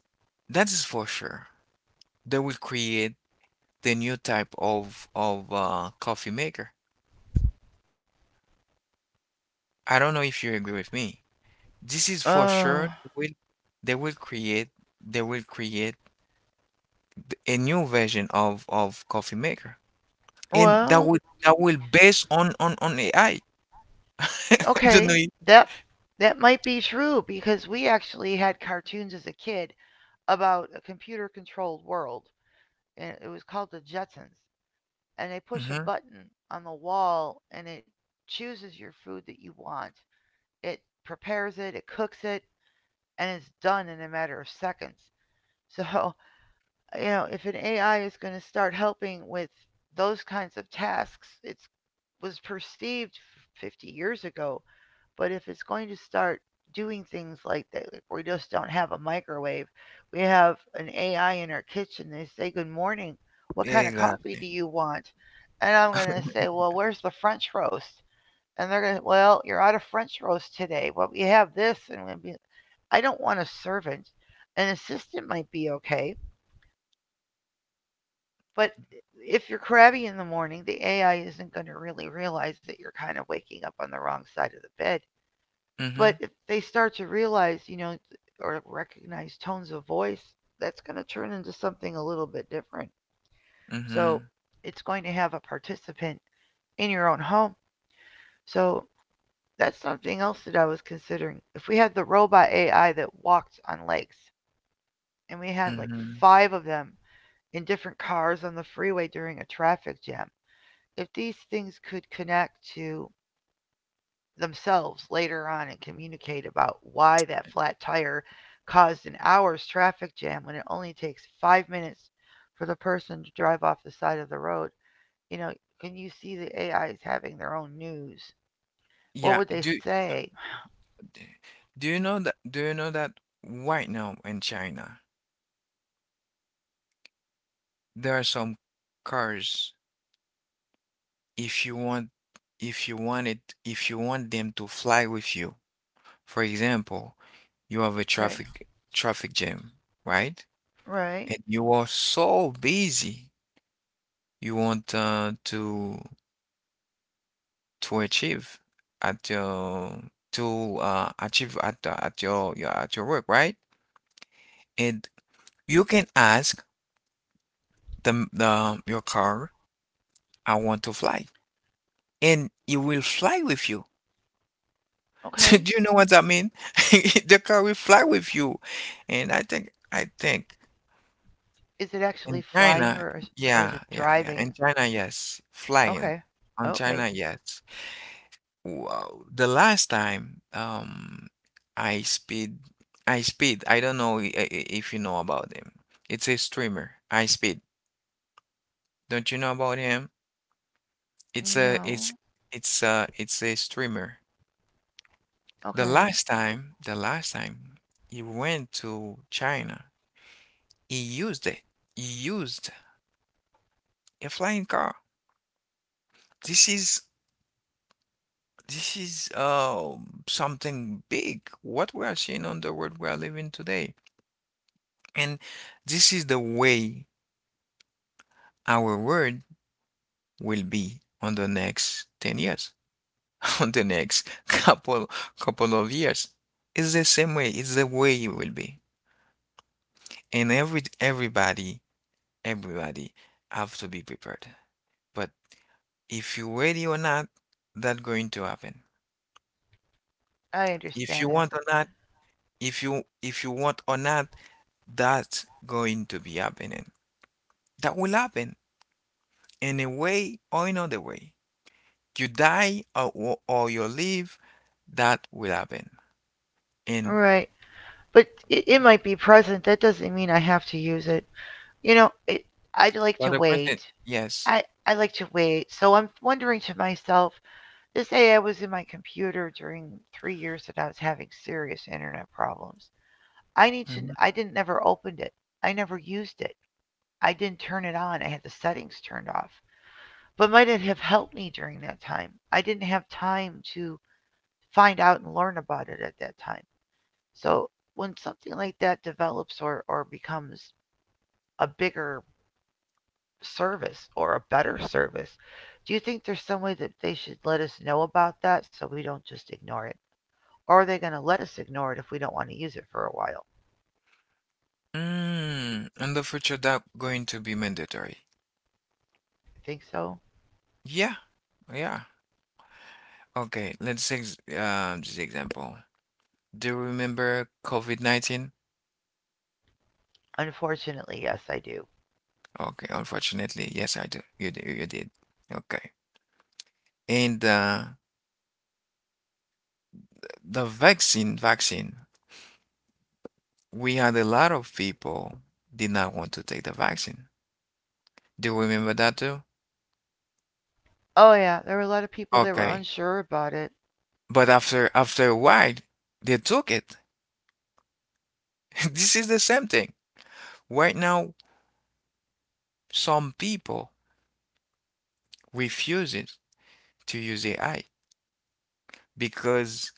[SPEAKER 2] That is for sure. They will create the new type of coffee maker. I don't know if you agree with me. This is for
[SPEAKER 1] Uh,
[SPEAKER 2] sure. They will create they will create a new version of coffee maker, and
[SPEAKER 1] well,
[SPEAKER 2] that will based on AI.
[SPEAKER 1] okay.
[SPEAKER 2] Don't know.
[SPEAKER 1] That that might be true because we actually had cartoons as a kid about a computer controlled world and it was called the Jetsons. And they push a
[SPEAKER 2] Mm-hmm.
[SPEAKER 1] button on the wall and it chooses your food that you want. It prepares it, it cooks it, and it's done in a matter of seconds. So, you know, if an AI is going to start helping with those kinds of tasks, it was perceived 50 years ago, but if it's going to start doing things like that, like we just don't have a microwave, we have an AI in our kitchen. They say, "Good morning. What kind of coffee do
[SPEAKER 2] Exactly.
[SPEAKER 1] you want?" And I'm going to say, "Well, where's the French roast?" And they're going to, "Well, you're out of French roast today, but we have this." And I'm gonna be, I don't want a servant. An assistant might be okay, but if you're crabby in the morning, the AI isn't going to really realize that you're kind of waking up on the wrong side of the bed.
[SPEAKER 2] Mm-hmm.
[SPEAKER 1] But if they start to realize, or recognize tones of voice, that's going to turn into something a little bit different. So
[SPEAKER 2] Mm-hmm.
[SPEAKER 1] it's going to have a participant in your own home. So that's something else that I was considering. If we had the robot AI that walked on lakes and we had like
[SPEAKER 2] Mm-hmm.
[SPEAKER 1] five of them in different cars on the freeway during a traffic jam, if these things could connect to themselves later on and communicate about why that flat tire caused an hour's traffic jam when it only takes five minutes for the person to drive off the side of the road. You know, can you see the AIs having their own news? What
[SPEAKER 2] Yeah.
[SPEAKER 1] would they
[SPEAKER 2] Do
[SPEAKER 1] say?
[SPEAKER 2] Do do you know that right now in China there are some cars if you want if you want it if you want them to fly with you? For example, you have a
[SPEAKER 1] Okay,
[SPEAKER 2] traffic jam, right?
[SPEAKER 1] right,
[SPEAKER 2] And you are so busy you want to at your achieve at your at your work, right? And you can ask the your car, I want to fly, and it will fly with you. So
[SPEAKER 1] okay.
[SPEAKER 2] do you know what that mean? The car will fly with you. And I think
[SPEAKER 1] Is it actually
[SPEAKER 2] in
[SPEAKER 1] flying,
[SPEAKER 2] China,
[SPEAKER 1] or is
[SPEAKER 2] yeah,
[SPEAKER 1] it
[SPEAKER 2] yeah, yeah. In
[SPEAKER 1] driving?
[SPEAKER 2] China, yes. Flying.
[SPEAKER 1] Okay,
[SPEAKER 2] On
[SPEAKER 1] okay.
[SPEAKER 2] China, yes. Wow. The last time I speed I speed, I don't know if you know about him. It's a streamer. I speed. Don't you know about him? It's a
[SPEAKER 1] No,
[SPEAKER 2] it's it's a streamer.
[SPEAKER 1] okay.
[SPEAKER 2] The last time you went to China, he used it. He used a flying car. This is this is something big, what we are seeing on the world we are living today, and this is the way our world will be on the next 10 years, on the next couple of years. It's the same way. It's the way it will be, and everybody have to be prepared. But if you're ready or not, that going to happen.
[SPEAKER 1] I
[SPEAKER 2] If you
[SPEAKER 1] understand that,
[SPEAKER 2] want
[SPEAKER 1] but
[SPEAKER 2] or not, if you want or not, that's going to be happening. That will happen in a way or another way. You die or you live, that will happen. And
[SPEAKER 1] right. But it might be present. That doesn't mean I have to use it. You know, it, I'd like
[SPEAKER 2] for
[SPEAKER 1] to
[SPEAKER 2] the
[SPEAKER 1] wait.
[SPEAKER 2] person, yes.
[SPEAKER 1] I like to wait. So I'm wondering to myself, this AI was in my computer during three years that I was having serious internet problems. I need to.
[SPEAKER 2] Mhm.
[SPEAKER 1] I didn't never opened it. I never used it. I didn't turn it on. I had the settings turned off. But might it have helped me during that time? I didn't have time to find out and learn about it at that time. So when something like that develops or becomes a bigger service or a better service. Do you think there's some way that they should let us know about that so we don't just ignore it? Or are they going to let us ignore it if we don't want to use it for a while?
[SPEAKER 2] Mm, in the future, that going to be mandatory.
[SPEAKER 1] I think so.
[SPEAKER 2] Yeah, yeah. Okay, let's take this example. Do you remember COVID-19?
[SPEAKER 1] Unfortunately, yes, I do.
[SPEAKER 2] Okay, unfortunately, yes, I do. You do, you did. Okay. And the vaccine, we had a lot of people did not want to take the vaccine. Do you remember that too?
[SPEAKER 1] Oh, yeah, there were a lot of people that were
[SPEAKER 2] Okay.
[SPEAKER 1] unsure about it.
[SPEAKER 2] But after a while, they took it. This is the same thing. Right now, some people refuses to use AI because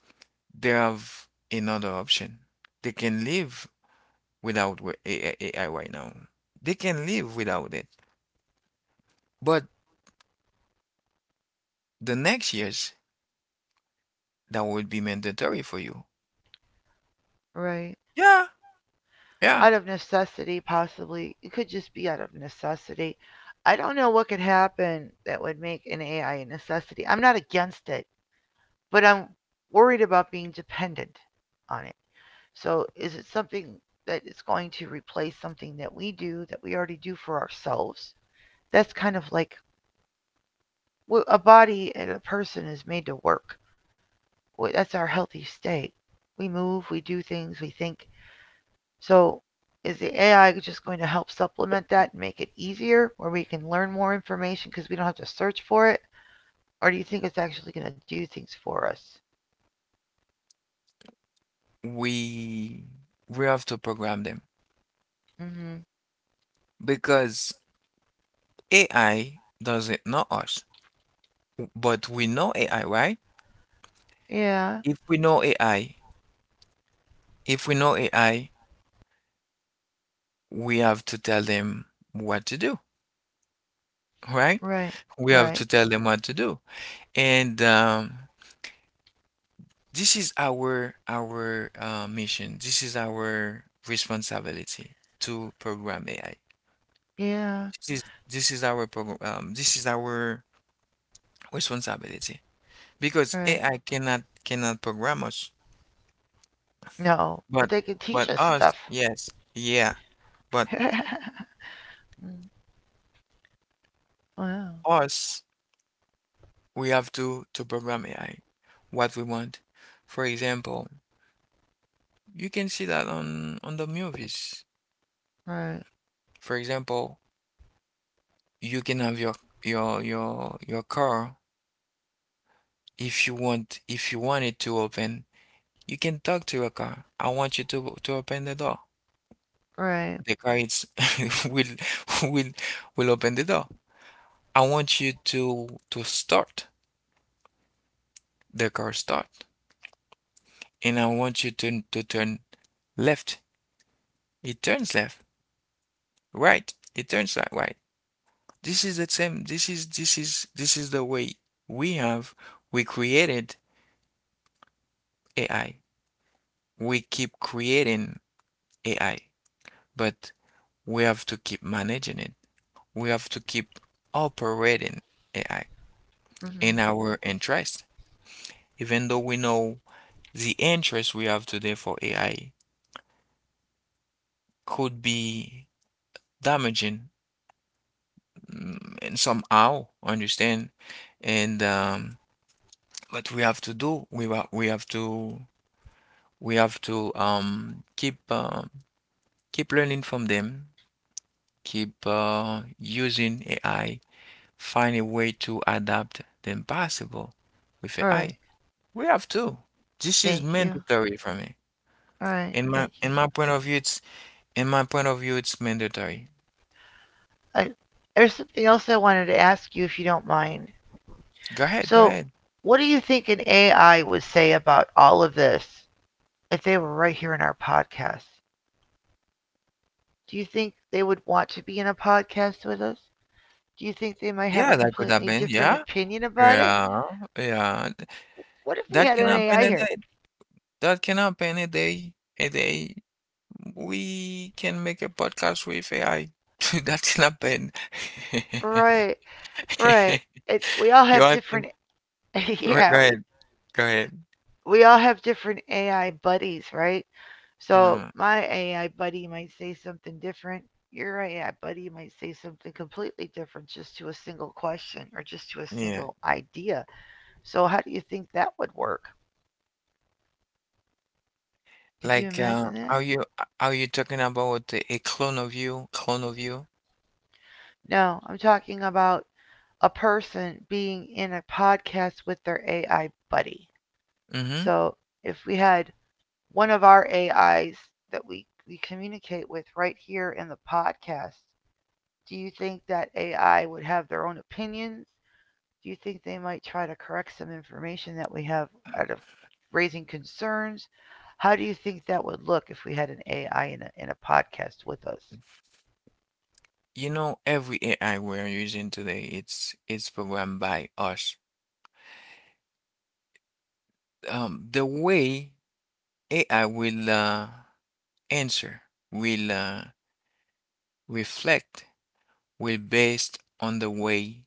[SPEAKER 2] they have another option. They can live without AI right now. They can live without it. But the next years, that would be mandatory for you.
[SPEAKER 1] Right.
[SPEAKER 2] Yeah, yeah.
[SPEAKER 1] Out of necessity, possibly. It could just be out of necessity. I don't know what could happen that would make an AI a necessity. I'm not against it, but I'm worried about being dependent on. So is it something that is going to replace something that we do that we already do for ourselves? That's kind of like, well, a body and a person is made to work. Well, that's our healthy state. We move, we do things, we think. So is the AI just going to help supplement that and make it easier where we can learn more information because we don't have to search for it? Or do you think it's actually going to do things for us?
[SPEAKER 2] We we have to program them
[SPEAKER 1] Hmm.
[SPEAKER 2] because AI doesn't know us, but we know AI, right?
[SPEAKER 1] Yeah,
[SPEAKER 2] If we know AI, if we know AI, we have to tell them what to do, right?
[SPEAKER 1] right,
[SPEAKER 2] We have
[SPEAKER 1] right.
[SPEAKER 2] to tell them what to do. And this is our mission. This is our responsibility to program AI.
[SPEAKER 1] Yeah,
[SPEAKER 2] This is our program. This is our responsibility because
[SPEAKER 1] right.
[SPEAKER 2] AI cannot program us,
[SPEAKER 1] No, but
[SPEAKER 2] but
[SPEAKER 1] they can teach
[SPEAKER 2] but
[SPEAKER 1] us
[SPEAKER 2] us,
[SPEAKER 1] stuff.
[SPEAKER 2] yes, yeah, but
[SPEAKER 1] Mm, wow.
[SPEAKER 2] us, we have to program AI what we want. For example, you can see that on the movies.
[SPEAKER 1] Right.
[SPEAKER 2] For example, you can have your car if you want it to open. You can talk to your car. I want you to open the door.
[SPEAKER 1] Right.
[SPEAKER 2] The guides will will will open the door. I want you to start the car start, and I want you to turn left. It turns left, right. It turns right. This is the same. This is the way we have we created AI. We keep creating AI, but we have to keep managing it. We have to keep operating AI in
[SPEAKER 1] Mm-hmm.
[SPEAKER 2] our interest, even though we know the interest we have today for AI could be damaging, and somehow, understand? And what we have to do, we have to keep learning from them, keep using AI, find a way to adapt the impossible with
[SPEAKER 1] All
[SPEAKER 2] AI.
[SPEAKER 1] right.
[SPEAKER 2] We have to. This is
[SPEAKER 1] Thank you.
[SPEAKER 2] mandatory for me.
[SPEAKER 1] All right.
[SPEAKER 2] In my
[SPEAKER 1] Thank you.
[SPEAKER 2] in my point of view, it's in my point of view, it's mandatory.
[SPEAKER 1] I, there's something else I wanted to ask you if you don't mind.
[SPEAKER 2] Go ahead, go
[SPEAKER 1] So,
[SPEAKER 2] ahead.
[SPEAKER 1] what do you think an AI would say about all of this if they were right here in our podcast? Do you think they would want to be in a podcast with us? Do you think they might have a
[SPEAKER 2] Yeah, that could
[SPEAKER 1] completely
[SPEAKER 2] happen.
[SPEAKER 1] different
[SPEAKER 2] Yeah,
[SPEAKER 1] opinion about it?
[SPEAKER 2] yeah, yeah.
[SPEAKER 1] What if we
[SPEAKER 2] That
[SPEAKER 1] had
[SPEAKER 2] can
[SPEAKER 1] an
[SPEAKER 2] happen
[SPEAKER 1] AI
[SPEAKER 2] a
[SPEAKER 1] here?
[SPEAKER 2] day. That can happen a day. A day. We can make a podcast with AI. That can happen.
[SPEAKER 1] Right. Right. It, we all
[SPEAKER 2] You
[SPEAKER 1] have different.
[SPEAKER 2] asking? Go
[SPEAKER 1] yeah. We
[SPEAKER 2] ahead. Go ahead.
[SPEAKER 1] we all have different AI buddies, right? So
[SPEAKER 2] Mm,
[SPEAKER 1] my AI buddy might say something different. Your AI buddy might say something completely different just to a single question or just to a
[SPEAKER 2] yeah.
[SPEAKER 1] single idea. So how do you think that would work? Could you
[SPEAKER 2] Like,
[SPEAKER 1] imagine that?
[SPEAKER 2] are you talking about a clone of you? Clone of you?
[SPEAKER 1] No, I'm talking about a person being in a podcast with their AI buddy.
[SPEAKER 2] Mm-hmm.
[SPEAKER 1] So if we had one of our AIs that we communicate with right here in the podcast, do you think that AI would have their own opinions? Do you think they might try to correct some information that we have out of raising concerns? How do you think that would look if we had an AI in a podcast with us?
[SPEAKER 2] You know, every AI we're using today, it's programmed by us, the way AI will answer, will reflect, will based on the way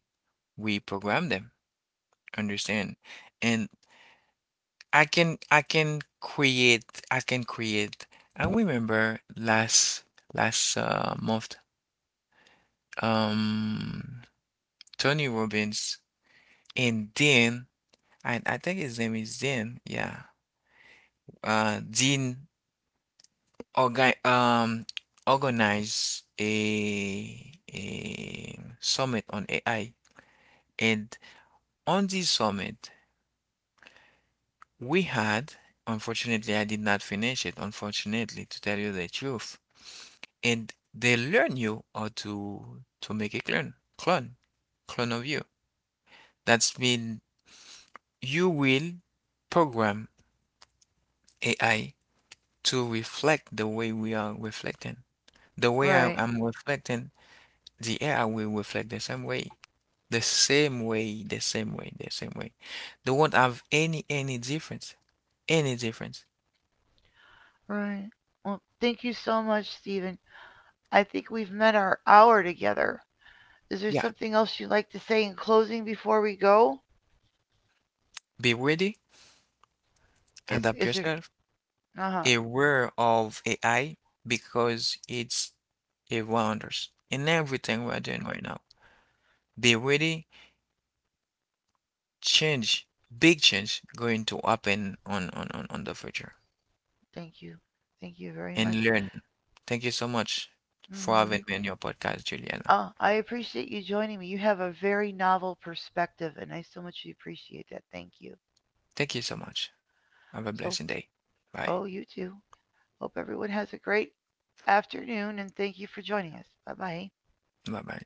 [SPEAKER 2] we program them. Understand? And I can I can create I can create. I remember last month, um Tony Robbins and Dean, I think his name is Dean, yeah, Dean Organ, organize a summit on AI. And on this summit, we had, unfortunately, I did not finish it, unfortunately, to tell you the truth. And they learn you how to make a clone of you. That's mean you will program AI to reflect the way we are reflecting. The way I
[SPEAKER 1] Right,
[SPEAKER 2] am reflecting, the AI will reflect the same way. The same way. They won't have any difference. Any difference.
[SPEAKER 1] right. Well, thank you so much, Stephen. I think we've met our hour together. Is there
[SPEAKER 2] Yeah.
[SPEAKER 1] something else you'd like to say in closing before we go?
[SPEAKER 2] Be ready,
[SPEAKER 1] Is
[SPEAKER 2] adapt
[SPEAKER 1] there?
[SPEAKER 2] yourself,
[SPEAKER 1] Uh huh.
[SPEAKER 2] aware of AI because it's around us in everything we're doing right now. Be ready, change, big change going to happen on the future
[SPEAKER 1] Thank you. Thank you very
[SPEAKER 2] and
[SPEAKER 1] much.
[SPEAKER 2] learn. Thank you so much for
[SPEAKER 1] Hmm.
[SPEAKER 2] having me on your podcast, Juliana.
[SPEAKER 1] Oh, I appreciate you joining me. You have a very novel perspective, and I so much appreciate that. Thank you.
[SPEAKER 2] Thank you so much. Have a
[SPEAKER 1] So,
[SPEAKER 2] blessed day. Bye.
[SPEAKER 1] oh, you too. Hope everyone has a great afternoon, and thank you for joining us. Bye bye.
[SPEAKER 2] Bye bye.